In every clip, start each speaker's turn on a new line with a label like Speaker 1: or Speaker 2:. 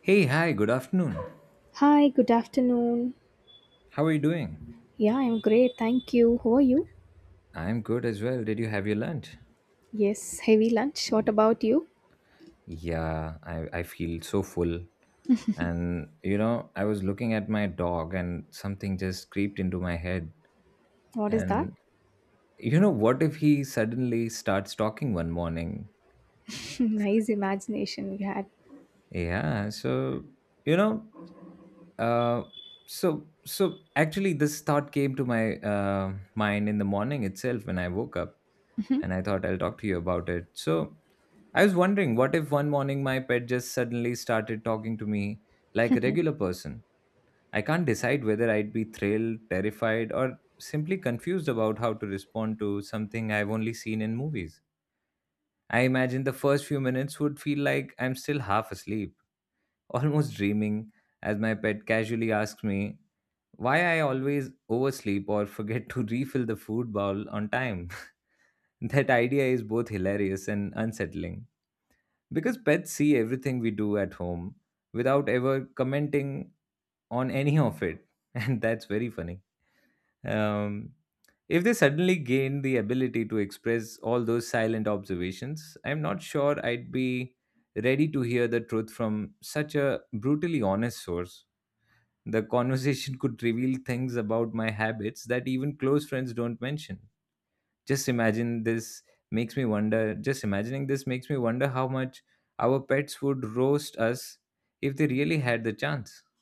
Speaker 1: Hey, hi, good afternoon.
Speaker 2: Hi, good afternoon.
Speaker 1: How are you doing?
Speaker 2: Yeah, I'm great. Thank you. How are you?
Speaker 1: I'm good as well. Did you have your lunch?
Speaker 2: Yes, heavy lunch. What about you?
Speaker 1: Yeah, I feel so full. And, you know, I was looking at my dog and something just creeped into my head.
Speaker 2: What is that?
Speaker 1: And, you know, what if he suddenly starts talking one morning?
Speaker 2: Nice imagination you had.
Speaker 1: Yeah. You know, uh, so actually this thought came to my mind in the morning itself when I woke up and I thought I'll talk to you about it. So, I was wondering what if one morning my pet just suddenly started talking to me like a regular person. I can't decide whether I'd be thrilled, terrified, or simply confused about how to respond to something I've only seen in movies. I imagine the first few minutes would feel like I'm still half asleep, almost dreaming, as my pet casually asks me why I always oversleep or forget to refill the food bowl on time. That idea is both hilarious and unsettling because pets see everything we do at home without ever commenting on any of it, and that's very funny. Um, if they suddenly gain the ability to express all those silent observations, I'm not sure I'd be ready to hear the truth from such a brutally honest source. The conversation could reveal things about my habits that even close friends don't mention. Just imagine this just imagining this makes me wonder how much our pets would roast us if they really had the chance.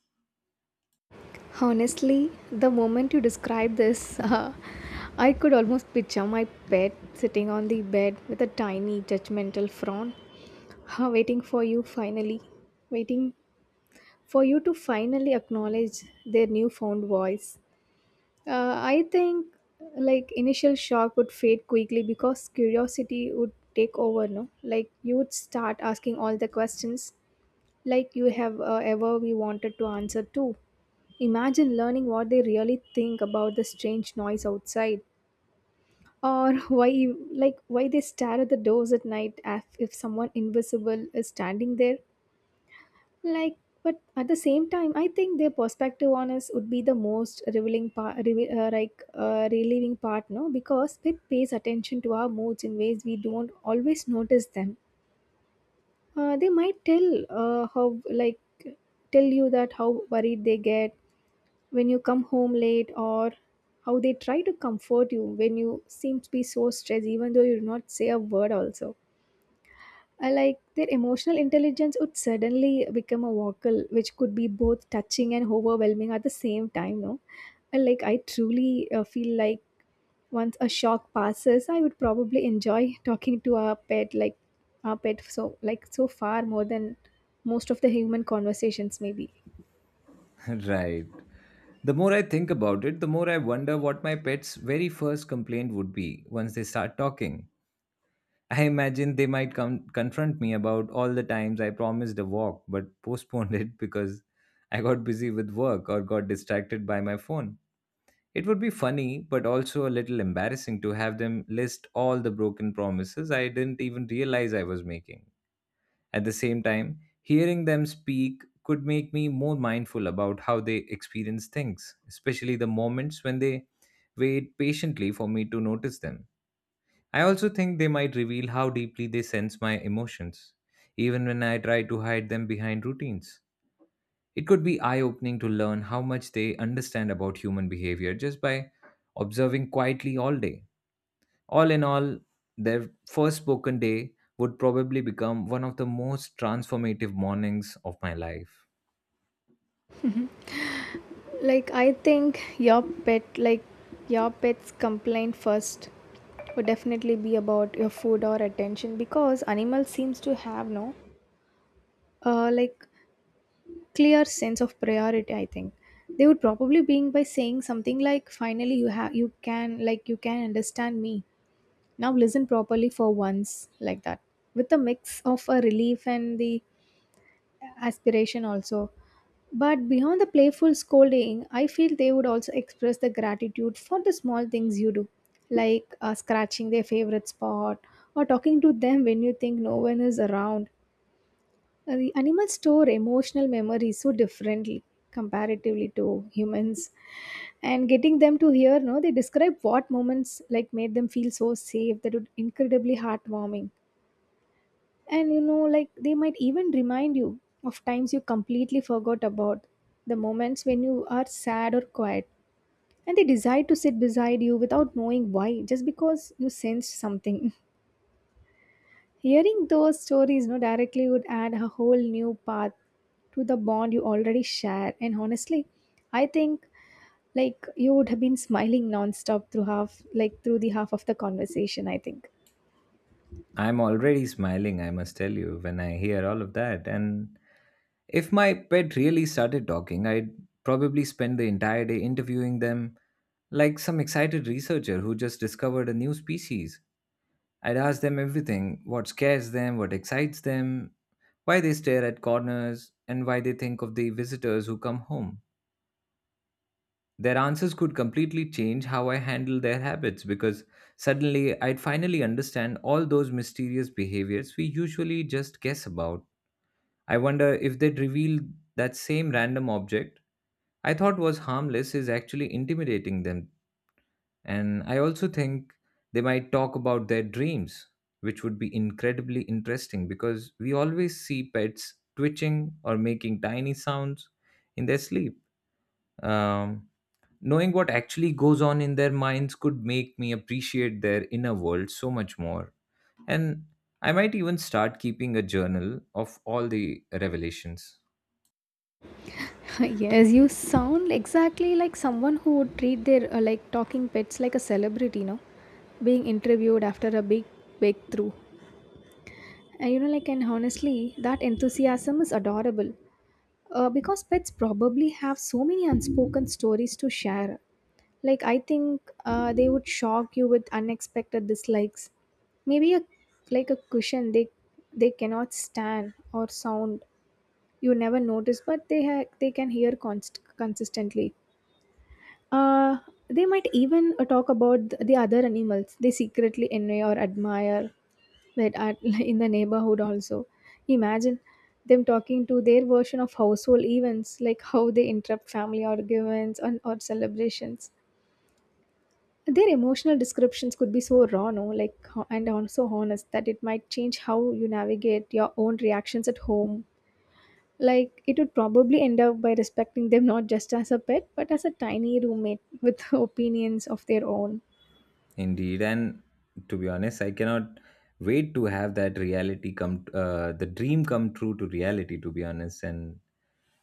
Speaker 2: Honestly, the moment you described this, I could almost picture my pet sitting on the bed with a tiny judgmental frown, waiting for you finally, waiting for you to finally acknowledge their newfound voice. I think like initial shock would fade quickly because curiosity would take over, no? Like you would start asking all the questions like you have ever we wanted to answer to. Imagine learning what they really think about the strange noise outside or why they stare at the doors at night as if someone invisible is standing there like, but at the same time, I think their perspective on us would be the most revealing part, relieving part, no? Because it pays attention to our moods in ways we don't always notice them. They might tell how, like, tell you that how worried they get when you come home late or how they try to comfort you when you seem to be so stressed even though you do not say a word also I like their emotional intelligence would suddenly become a vocal, which could be both touching and overwhelming at the same time. No, I like I truly feel like once a shock passes, I would probably enjoy talking to our pet, so so far more than most of the human conversations maybe.
Speaker 1: Right. The more I think about it, the more I wonder what my pet's very first complaint would be once they start talking. I imagine they might come confront me about all the times I promised a walk but postponed it because I got busy with work or got distracted by my phone. It would be funny, but also a little embarrassing to have them list all the broken promises I didn't even realize I was making. At the same time, hearing them speak could make me more mindful about how they experience things, especially the moments when they wait patiently for me to notice them. I also think they might reveal how deeply they sense my emotions, even when I try to hide them behind routines. It could be eye opening to learn how much they understand about human behavior just by observing quietly all day. All in all, their first spoken day would probably become one of the most transformative mornings of my life.
Speaker 2: Like I think your pet, your pet's complaint first would definitely be about your food or attention because animals seems to have no uh, like clear sense of priority. I think they would probably being by saying something like, finally you have you can you can understand me, now listen properly for once like that, with a mix of a relief and the aspiration also, but beyond the playful scolding I feel they would also express the gratitude for the small things you do like scratching their favorite spot or talking to them when you think no one is around. The animals store emotional memories so differently comparatively to humans, and getting them to hear no they describe what moments like made them feel so safe, that would incredibly heartwarming. And you know like they might even remind you of times you completely forgot about, the moments when you are sad or quiet and they decide to sit beside you without knowing why, just because you sensed something. Hearing those stories no directly would add a whole new path to the bond you already share. And honestly, I think like you would have been smiling nonstop through half of the conversation, I think.
Speaker 1: I'm already smiling, I must tell you, when I hear all of that, and if my pet really started talking, I'd probably spend the entire day interviewing them like some excited researcher who just discovered a new species. I'd ask them everything: what scares them, what excites them, why they stare at corners, and why they think of the visitors who come home. Their answers could completely change how I handle their habits because suddenly I'd finally understand all those mysterious behaviors we usually just guess about. I wonder if they'd reveal that same random object I thought was harmless is actually intimidating them. And I also think they might talk about their dreams, which would be incredibly interesting because we always see pets twitching or making tiny sounds in their sleep. Um, Knowing what actually goes on in their minds could make me appreciate their inner world so much more. And I might even start keeping a journal of all the revelations.
Speaker 2: Yes, you sound exactly like someone who would treat their talking pets like a celebrity, no? Being interviewed after a big breakthrough. And you know, like, and honestly, that enthusiasm is adorable because pets probably have so many unspoken stories to share. Like, I think they would shock you with unexpected dislikes. Maybe a like a cushion they cannot stand, or sound you never notice, but they can hear consistently. Uh, they might even talk about the other animals they secretly envy or admire that are in the neighborhood. Also, imagine them talking to their version of household events, like how they interrupt family arguments and or celebrations. Their emotional descriptions could be so raw, no, like ho- and on so honest that it might change how you navigate your own reactions at home. Like it would probably end up by respecting them not just as a pet, but as a tiny roommate with opinions of their own.
Speaker 1: Indeed, and to be honest, I cannot wait to have that reality come, the dream come true to reality. To be honest, and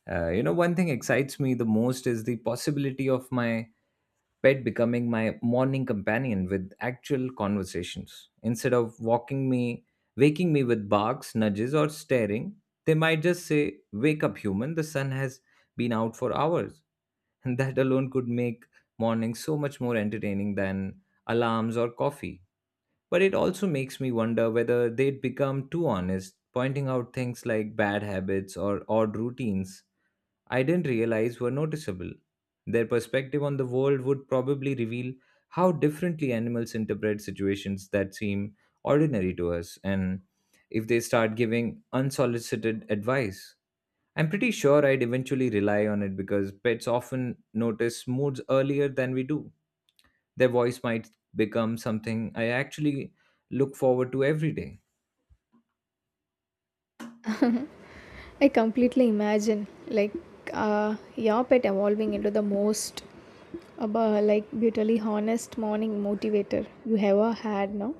Speaker 1: you know, one thing excites me the most is the possibility of my pet becoming my morning companion with actual conversations instead of walking me, waking me with barks, nudges, or staring. They might just say, "Wake up, human! The sun has been out for hours," and that alone could make mornings so much more entertaining than alarms or coffee. But it also makes me wonder whether they'd become too honest, pointing out things like bad habits or odd routines I didn't realize were noticeable. Their perspective on the world would probably reveal how differently animals interpret situations that seem ordinary to us, and if they start giving unsolicited advice, I'm pretty sure I'd eventually rely on it because pets often notice moods earlier than we do. Their voice might become something I actually look forward to every day.
Speaker 2: Mhm. I completely imagine like your pet evolving into the most brutally honest morning motivator you ever had, no?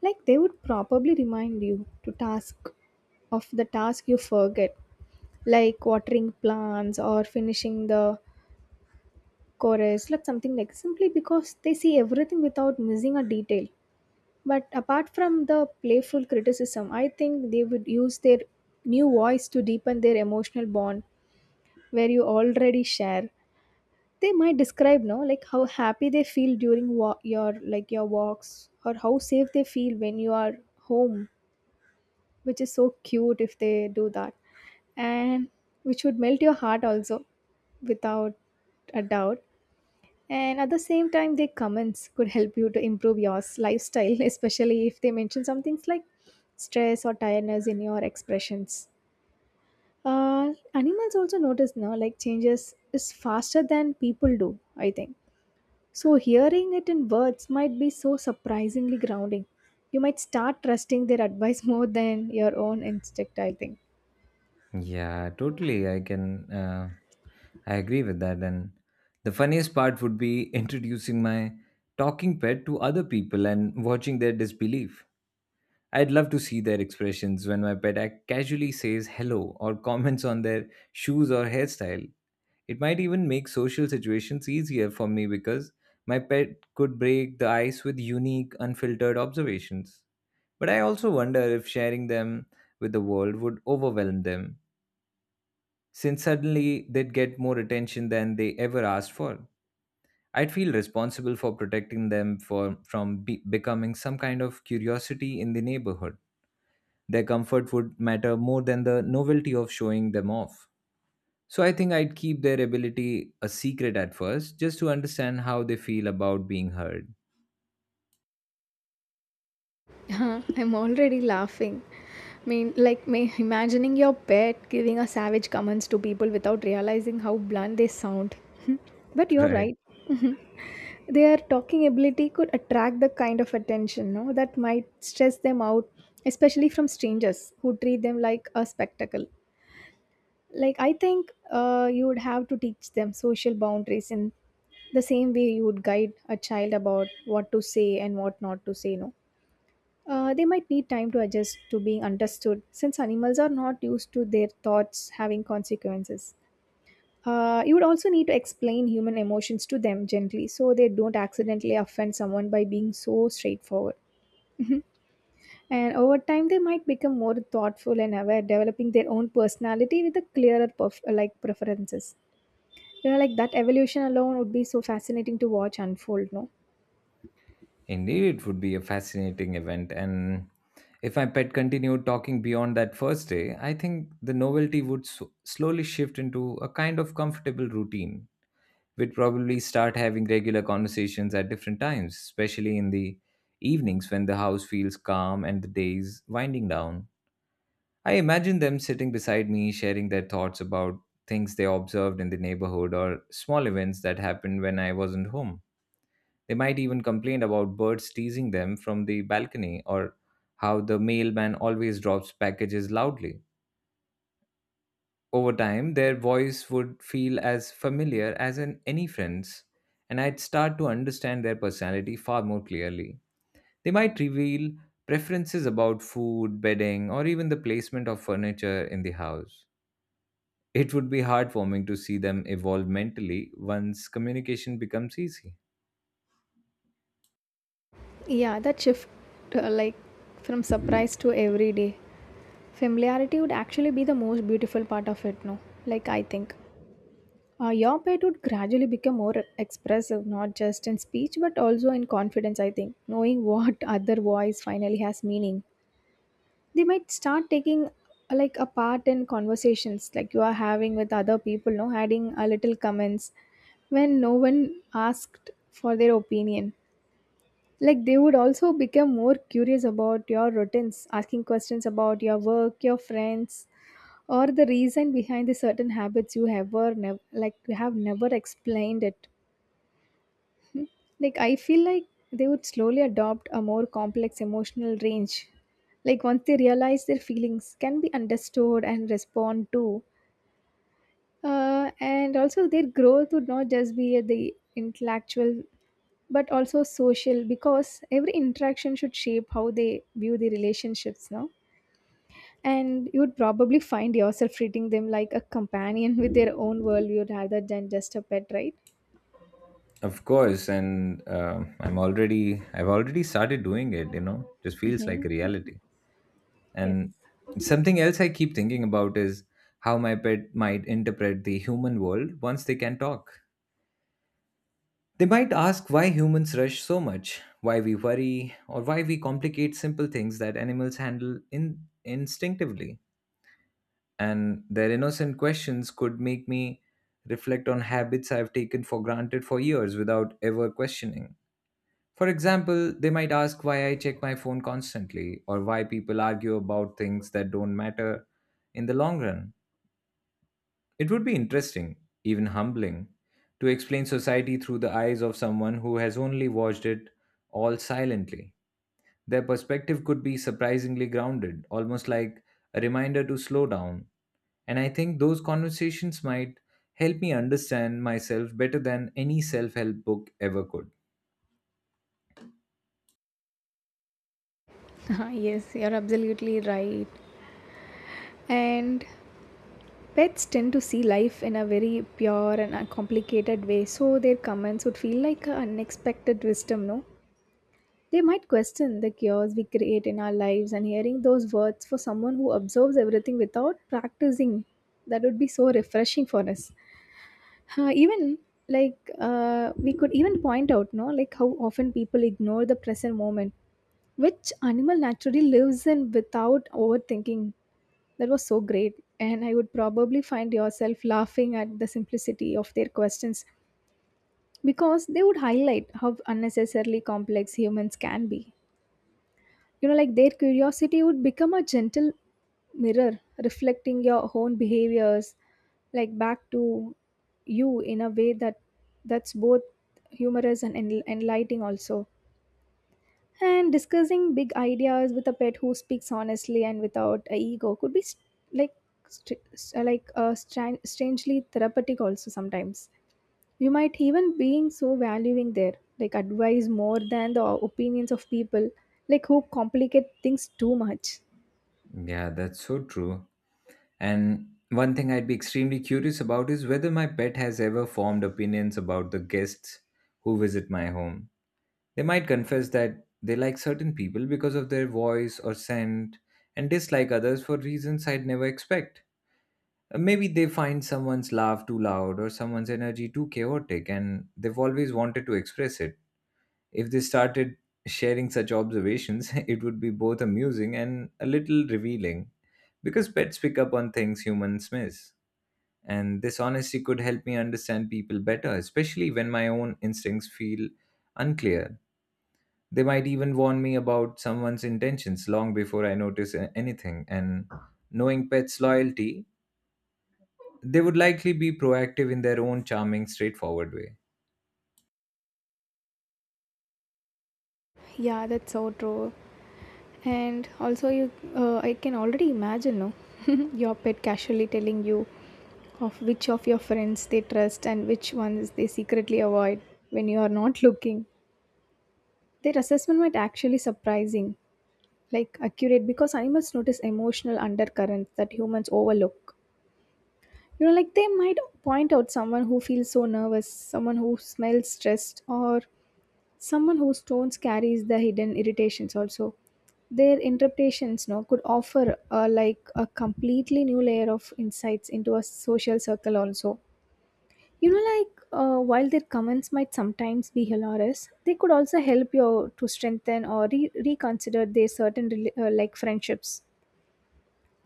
Speaker 2: Like they would probably remind you to task of the task you forget, like watering plants or finishing the chorus, like something like, simply because they see everything without missing a detail. But apart from the playful criticism, I think they would use their new voice to deepen their emotional bond where you already share. They might describe no like how happy they feel during your walks, or how safe they feel when you are home, which is so cute if they do that. And which would melt your heart also without a doubt, and at the same time their comments could help you to improve your lifestyle especially if they mention some things like stress or tiredness in your expressions. Animals also notice now like changes is faster than people do, I think, so hearing it in words might be so surprisingly grounding. You might start trusting their advice more than your own instinct, I think.
Speaker 1: Yeah, totally. I agree with that. And the funniest part would be introducing my talking pet to other people and watching their disbelief. I'd love to see their expressions when my pet casually says hello or comments on their shoes or hairstyle. It might even make social situations easier for me because my pet could break the ice with unique, unfiltered observations. But I also wonder if sharing them with the world would overwhelm them, since suddenly they'd get more attention than they ever asked for. I'd feel responsible for protecting them from becoming some kind of curiosity in the neighborhood. Their comfort would matter more than the novelty of showing them off. So I think I'd keep their ability a secret at first, just to understand how they feel about being heard.
Speaker 2: I'm already laughing. I mean, like, may, imagining your pet giving a savage comments to people without realizing how blunt they sound. But you're
Speaker 1: Right.
Speaker 2: right. Mhm. Their talking ability could attract the kind of attention no, that might stress them out, especially from strangers who treat them like a spectacle. Like, I think you would have to teach them social boundaries in the same way you would guide a child about what to say and what not to say, no? They might need time to adjust to being understood since animals are not used to their thoughts having consequences. You would also need to explain human emotions to them gently so they don't accidentally offend someone by being so straightforward. And over time, they might become more thoughtful and aware, developing their own personality with a clearer preferences. You know, like that evolution alone would be so fascinating to watch unfold. No,
Speaker 1: Indeed, it would be a fascinating event. And if my pet continued talking beyond that first day, I think the novelty would slowly shift into a kind of comfortable routine. We'd probably start having regular conversations at different times, especially in the evenings when the house feels calm and the days winding down. I imagine them sitting beside me, sharing their thoughts about things they observed in the neighborhood or small events that happened when I wasn't home. They might even complain about birds teasing them from the balcony or how the mailman always drops packages loudly. Over time, their voice would feel as familiar as in any friend's, and I'd start to understand their personality far more clearly. They might reveal preferences about food, bedding, or even the placement of furniture in the house. It would be heartwarming to see them evolve mentally once communication becomes easy.
Speaker 2: yeah, that shift, uh, like from surprise to everyday. Familiarity would actually be the most beautiful part of it, no? Like, I think. Your pet would gradually become more expressive, not just in speech, but also in confidence, I think. Knowing what other voice finally has meaning. They might start taking a part in conversations like you are having with other people, no? Adding a little comments when no one asked for their opinion. Like they would also become more curious about your routines, asking questions about your work, your friends, or the reason behind the certain habits you have never explained it. I feel like they would slowly adopt a more complex emotional range, like once they realize their feelings can be understood and respond to. And also their growth would not just be at the intellectual but also social, because every interaction should shape how they view the relationships, no. And you'd probably find yourself treating them like a companion with their own worldview rather than just a pet, right?
Speaker 1: Of course, and I've already started doing it. You know, just feels like reality.
Speaker 2: Yes.
Speaker 1: And something else I keep thinking about is how my pet might interpret the human world once they can talk. They might ask why humans rush so much, why we worry, or why we complicate simple things that animals handle in instinctively. And their innocent questions could make me reflect on habits I've taken for granted for years without ever questioning. For example, they might ask why I check my phone constantly or why people argue about things that don't matter in the long run. It would be interesting, even humbling, to explain society through the eyes of someone who has only watched it all silently. Their perspective could be surprisingly grounded, almost like a reminder to slow down. And I think those conversations might help me understand myself better than any self help book ever could.
Speaker 2: Yes, you're absolutely right. And pets tend to see life in a very pure and uncomplicated way, so their comments would feel like an unexpected wisdom, no? They might question the chaos we create in our lives, and hearing those words for someone who observes everything without practicing, that would be so refreshing for us. Huh, even we could even point out no like how often people ignore the present moment which animal naturally lives in without overthinking. That was so great, and I would probably find yourself laughing at the simplicity of their questions, because they would highlight how unnecessarily complex humans can be. You know, like their curiosity would become a gentle mirror reflecting your own behaviors like back to you in a way that that's both humorous and enlightening also. And discussing big ideas with a pet who speaks honestly and without a ego could be str- strangely therapeutic also sometimes. You might even being so valuing there, like advice more than the opinions of people like who complicate things too much.
Speaker 1: Yeah, that's so true. And one thing I'd be extremely curious about is whether my pet has ever formed opinions about the guests who visit my home. They might confess that they like certain people because of their voice or scent and dislike others for reasons I'd never expect. Maybe they find someone's laugh too loud or someone's energy too chaotic and they've always wanted to express it. If they started sharing such observations, it would be both amusing and a little revealing because pets pick up on things humans miss. And this honesty could help me understand people better, especially when my own instincts feel unclear. They might even warn me about someone's intentions long before I notice anything. And knowing pets' loyalty, they would likely be proactive in their own charming, straightforward way.
Speaker 2: Yeah, that's so true. And also you, I can already imagine no, your pet casually telling you of which of your friends they trust and which ones they secretly avoid when you are not looking. Their assessment might actually surprising like accurate, because animals notice emotional undercurrents that humans overlook. You know, like they might point out someone who feels so nervous, someone who smells stressed, or someone whose tones carries the hidden irritations also. Their interpretations no could offer a completely new layer of insights into a social circle also. You know, like while their comments might sometimes be hilarious, they could also help you to strengthen or reconsider their certain friendships.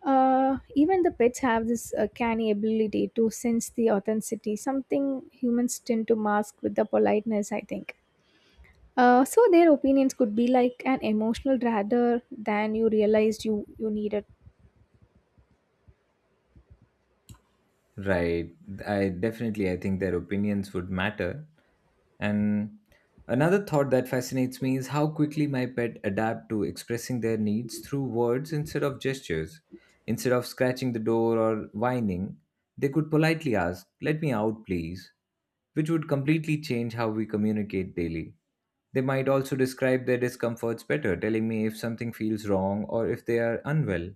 Speaker 2: Even the pets have this canny ability to sense the authenticity, something humans tend to mask with the politeness, I think. So their opinions could be like an emotional rather than you realized you needed.
Speaker 1: Right. I think their opinions would matter. And another thought that fascinates me is how quickly my pet adapt to expressing their needs through words instead of gestures. Instead of scratching the door or whining, they could politely ask, "Let me out, please," which would completely change how we communicate daily. They might also describe their discomforts better, telling me if something feels wrong or if they are unwell.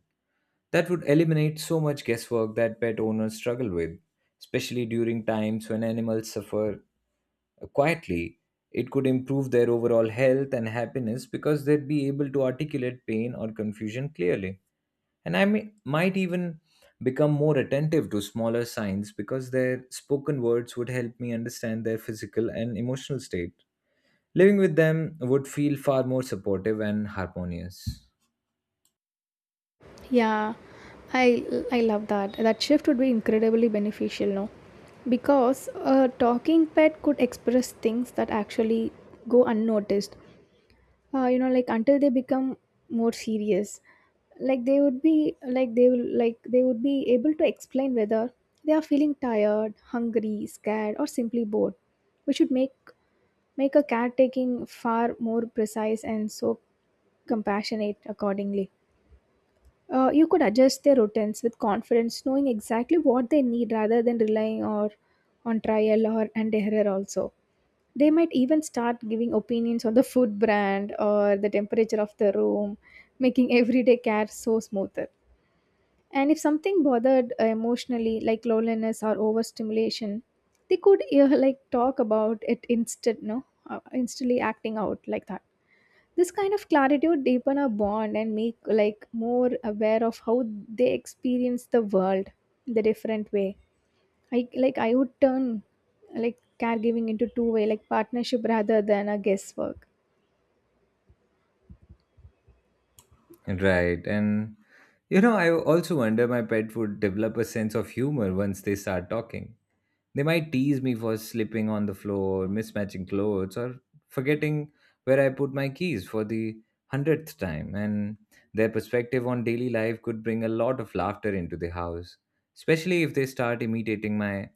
Speaker 1: That would eliminate so much guesswork that pet owners struggle with, especially during times when animals suffer quietly. It could improve their overall health and happiness because they'd be able to articulate pain or confusion clearly. And might even become more attentive to smaller signs because their spoken words would help me understand their physical and emotional state. Living with them would feel far more supportive and harmonious.
Speaker 2: Yeah, I love that. That shift would be incredibly beneficial, no? Because a talking pet could express things that actually go unnoticed, until they become more serious. Like they would be like they will like they would be able to explain whether they are feeling tired, hungry, scared, or simply bored, which would make a caretaking far more precise and so compassionate accordingly. You could adjust their routines with confidence, knowing exactly what they need rather than relying or on trial or and error. Also, they might even start giving opinions on the food brand or the temperature of the room, making everyday care so smoother. And if something bothered emotionally, like loneliness or overstimulation, they could like talk about it instead. No, instantly acting out like that. This kind of clarity would deepen our bond and make like more aware of how they experience the world the different way. I like I would turn like caregiving into two-way like partnership rather than a guesswork.
Speaker 1: Right. And, you know, I also wonder my pet would develop a sense of humor once they start talking. They might tease me for slipping on the floor, mismatching clothes, or forgetting where I put my keys for the hundredth time. And their perspective on daily life could bring a lot of laughter into the house, especially if they start imitating my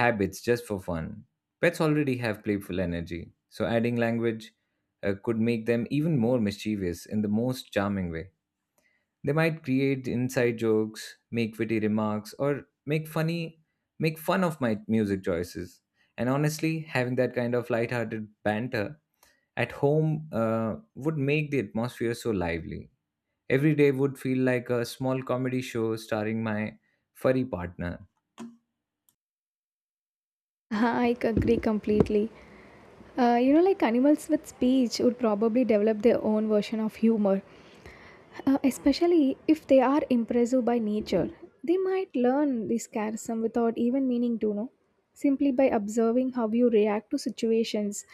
Speaker 1: habits just for fun. Pets already have playful energy, so adding language could make them even more mischievous in the most charming way. They might create inside jokes, make witty remarks, or make fun of my music choices. And honestly, having that kind of lighthearted banter at home would make the atmosphere so lively. Every day would feel like a small comedy show starring my furry partner.
Speaker 2: agree completely. Animals with speech would probably develop their own version of humor, especially if they are impressive by nature. They might learn this charism without even meaning to know, simply by observing how you react to situations.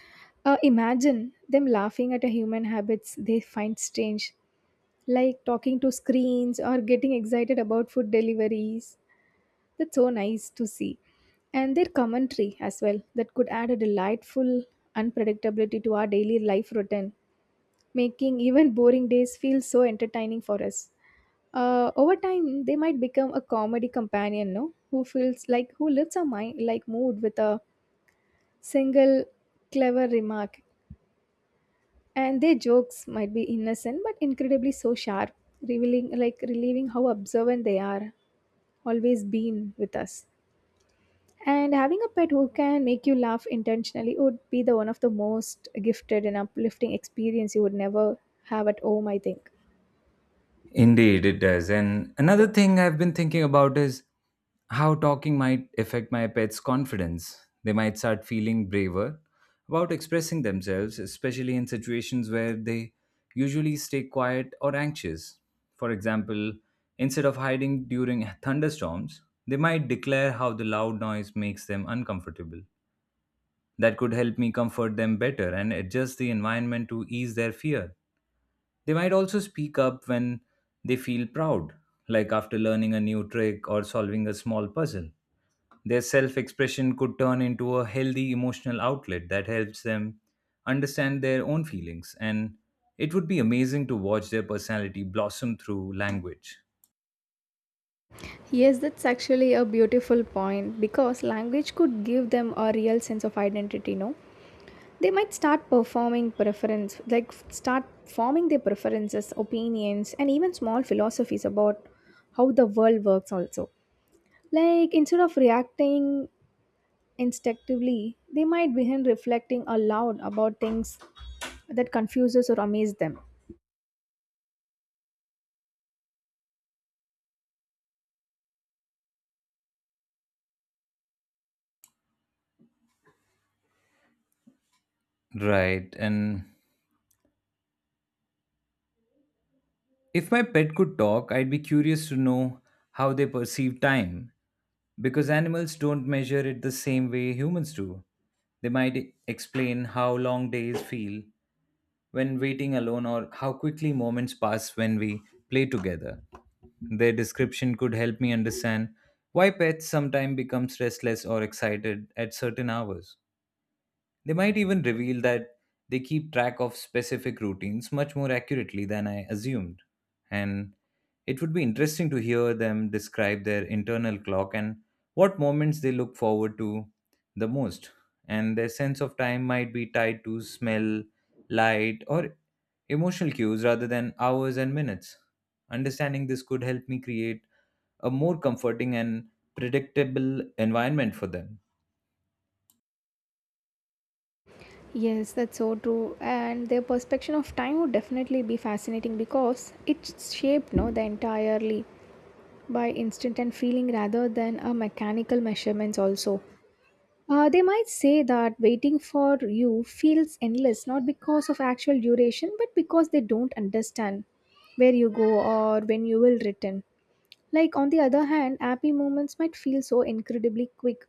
Speaker 2: Imagine them laughing at a human habits they find strange, like talking to screens or getting excited about food deliveries. That's so nice to see. And their commentary as well, that could add a delightful unpredictability to our daily life routine, making even boring days feel so entertaining for us. Over time, they might become a comedy companion, no? Who feels like who lifts our mind like mood with a single clever remark. And their jokes might be innocent but incredibly so sharp, revealing like relieving how observant they are, always been with us. And having a pet who can make you laugh intentionally would be the one of the most gifted and uplifting experience you would never have at home, I think.
Speaker 1: Indeed, it does. And another thing I've been thinking about is how talking might affect my pet's confidence. They might start feeling braver about expressing themselves, especially in situations where they usually stay quiet or anxious. For example, instead of hiding during thunderstorms, they might declare how the loud noise makes them uncomfortable. That could help me comfort them better and adjust the environment to ease their fear. They might also speak up when they feel proud, like after learning a new trick or solving a small puzzle. Their self expression could turn into a healthy emotional outlet that helps them understand their own feelings, and it would be amazing to watch their personality blossom through language.
Speaker 2: Yes, that's actually a beautiful point because language could give them a real sense of identity, no? They might start performing preference start forming their preferences, opinions, and even small philosophies about how the world works. Also, like instead of reacting instinctively, they might begin reflecting aloud about things that confuses or amaze them.
Speaker 1: Right. And if my pet could talk, I'd be curious to know how they perceive time because animals don't measure it the same way humans do. They might explain how long days feel when waiting alone or how quickly moments pass when we play together. Their description could help me understand why pets sometimes become restless or excited at certain hours. They might even reveal that they keep track of specific routines much more accurately than I assumed. And it would be interesting to hear them describe their internal clock and what moments they look forward to the most. And their sense of time might be tied to smell, light, or emotional cues rather than hours and minutes. Understanding this could help me create a more comforting and predictable environment for them.
Speaker 2: Yes, that's so true. And their perception of time would definitely be fascinating because it's shaped, no, the entirely by instinct and feeling rather than a mechanical measurements. Also, they might say that waiting for you feels endless, not because of actual duration, but because they don't understand where you go or when you will return. Like, on the other hand, happy moments might feel so incredibly quick,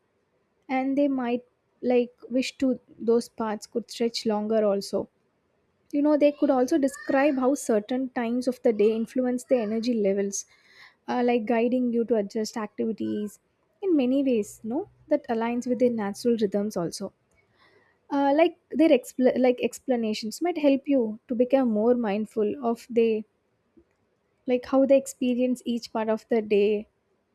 Speaker 2: and they might like wish to those paths could stretch longer also. You know, they could also describe how certain times of the day influence the energy levels, like guiding you to adjust activities in many ways, no? That aligns with their natural rhythms. Also like their explanations might help you to become more mindful of they like how they experience each part of the day.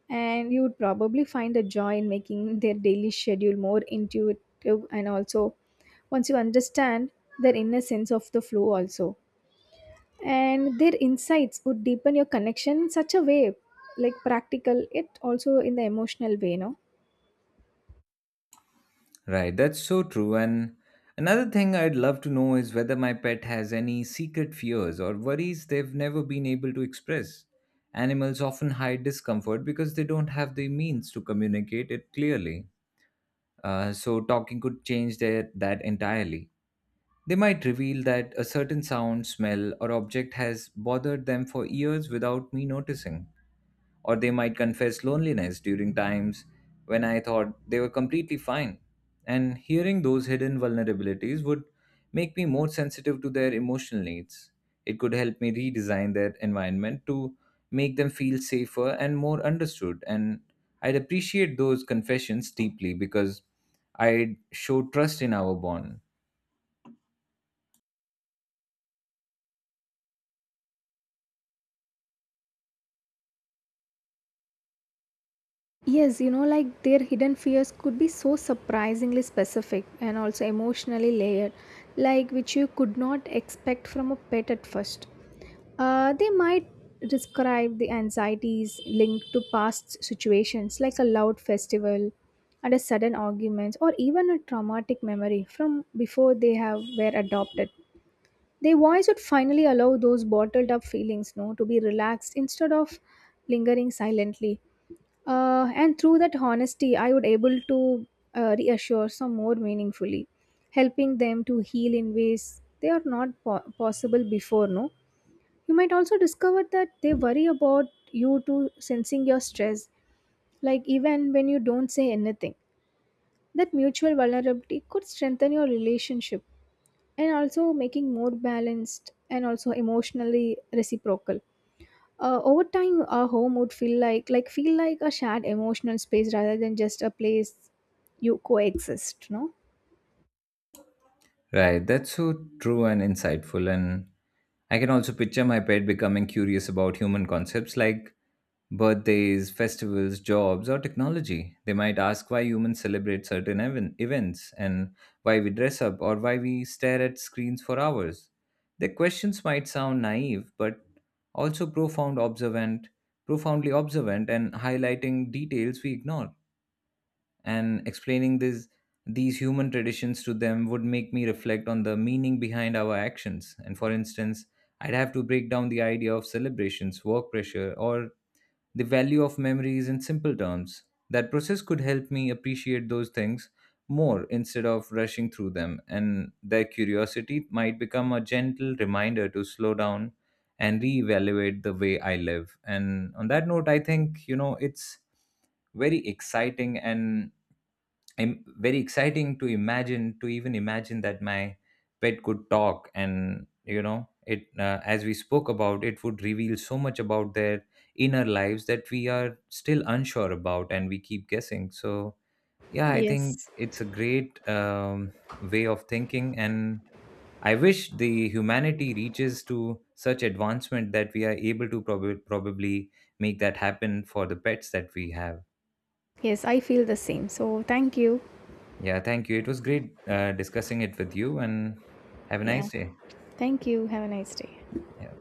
Speaker 2: And you would probably find a joy in making their daily schedule more intuitive. And also, once you understand their inner sense of the flow also, and their insights would deepen your connection in such a way, like practical it also in the emotional way, no?
Speaker 1: Right, that's so true. And another thing I'd love to know is whether my pet has any secret fears or worries they've never been able to express. Animals often hide discomfort because they don't have the means to communicate it clearly. So, talking could change their, that entirely. They might reveal that a certain sound, smell, or object has bothered them for years without me noticing. Or they might confess loneliness during times when I thought they were completely fine. And hearing those hidden vulnerabilities would make me more sensitive to their emotional needs. It could help me redesign their environment to make them feel safer and more understood. And I'd appreciate those confessions deeply because I'd show trust in our bond.
Speaker 2: Yes, you know, like their hidden fears could be so surprisingly specific and also emotionally layered, like which you could not expect from a pet at first. They might describe the anxieties linked to past situations, like a loud festival and a sudden argument, or even a traumatic memory from before they have were adopted. Their voice would finally allow those bottled up feelings, no, to be relaxed instead of lingering silently. And through that honesty, I would able to reassure some more meaningfully, helping them to heal in ways they are not possible before. No, you might also discover that they worry about you too, sensing your stress, like even when you don't say anything. That mutual vulnerability could strengthen your relationship and also making more balanced and also emotionally reciprocal. Over time, our home would feel like a shared emotional space rather than just a place you coexist. No.
Speaker 1: Right, that's so true and insightful. And I can also picture my pet becoming curious about human concepts like birthdays, festivals, jobs, or technology. They might ask why humans celebrate events and why we dress up or why we stare at screens for hours. Their questions might sound naive, but also profound observant, profoundly observant and highlighting details we ignore. And explaining this, these human traditions to them would make me reflect on the meaning behind our actions. And for instance, I'd have to break down the idea of celebrations, work pressure, or the value of memory is in simple terms. That process could help me appreciate those things more instead of rushing through them, and their curiosity might become a gentle reminder to slow down and reevaluate the way I live. And on that note, I think, you know, it's very exciting and very exciting to imagine to even imagine that my pet could talk, and you know it, as we spoke about, it would reveal so much about their inner lives that we are still unsure about and we keep guessing. So yeah, I think
Speaker 2: Yes.
Speaker 1: it's a great way of thinking. And I wish the humanity reaches to such advancement that we are able to probably make that happen for the pets that we have.
Speaker 2: Yes, I feel the same. So thank you.
Speaker 1: Yeah, thank you. It was great discussing it with you, and have a
Speaker 2: Yeah.
Speaker 1: nice day.
Speaker 2: Thank you. Have a nice day.
Speaker 1: Yeah.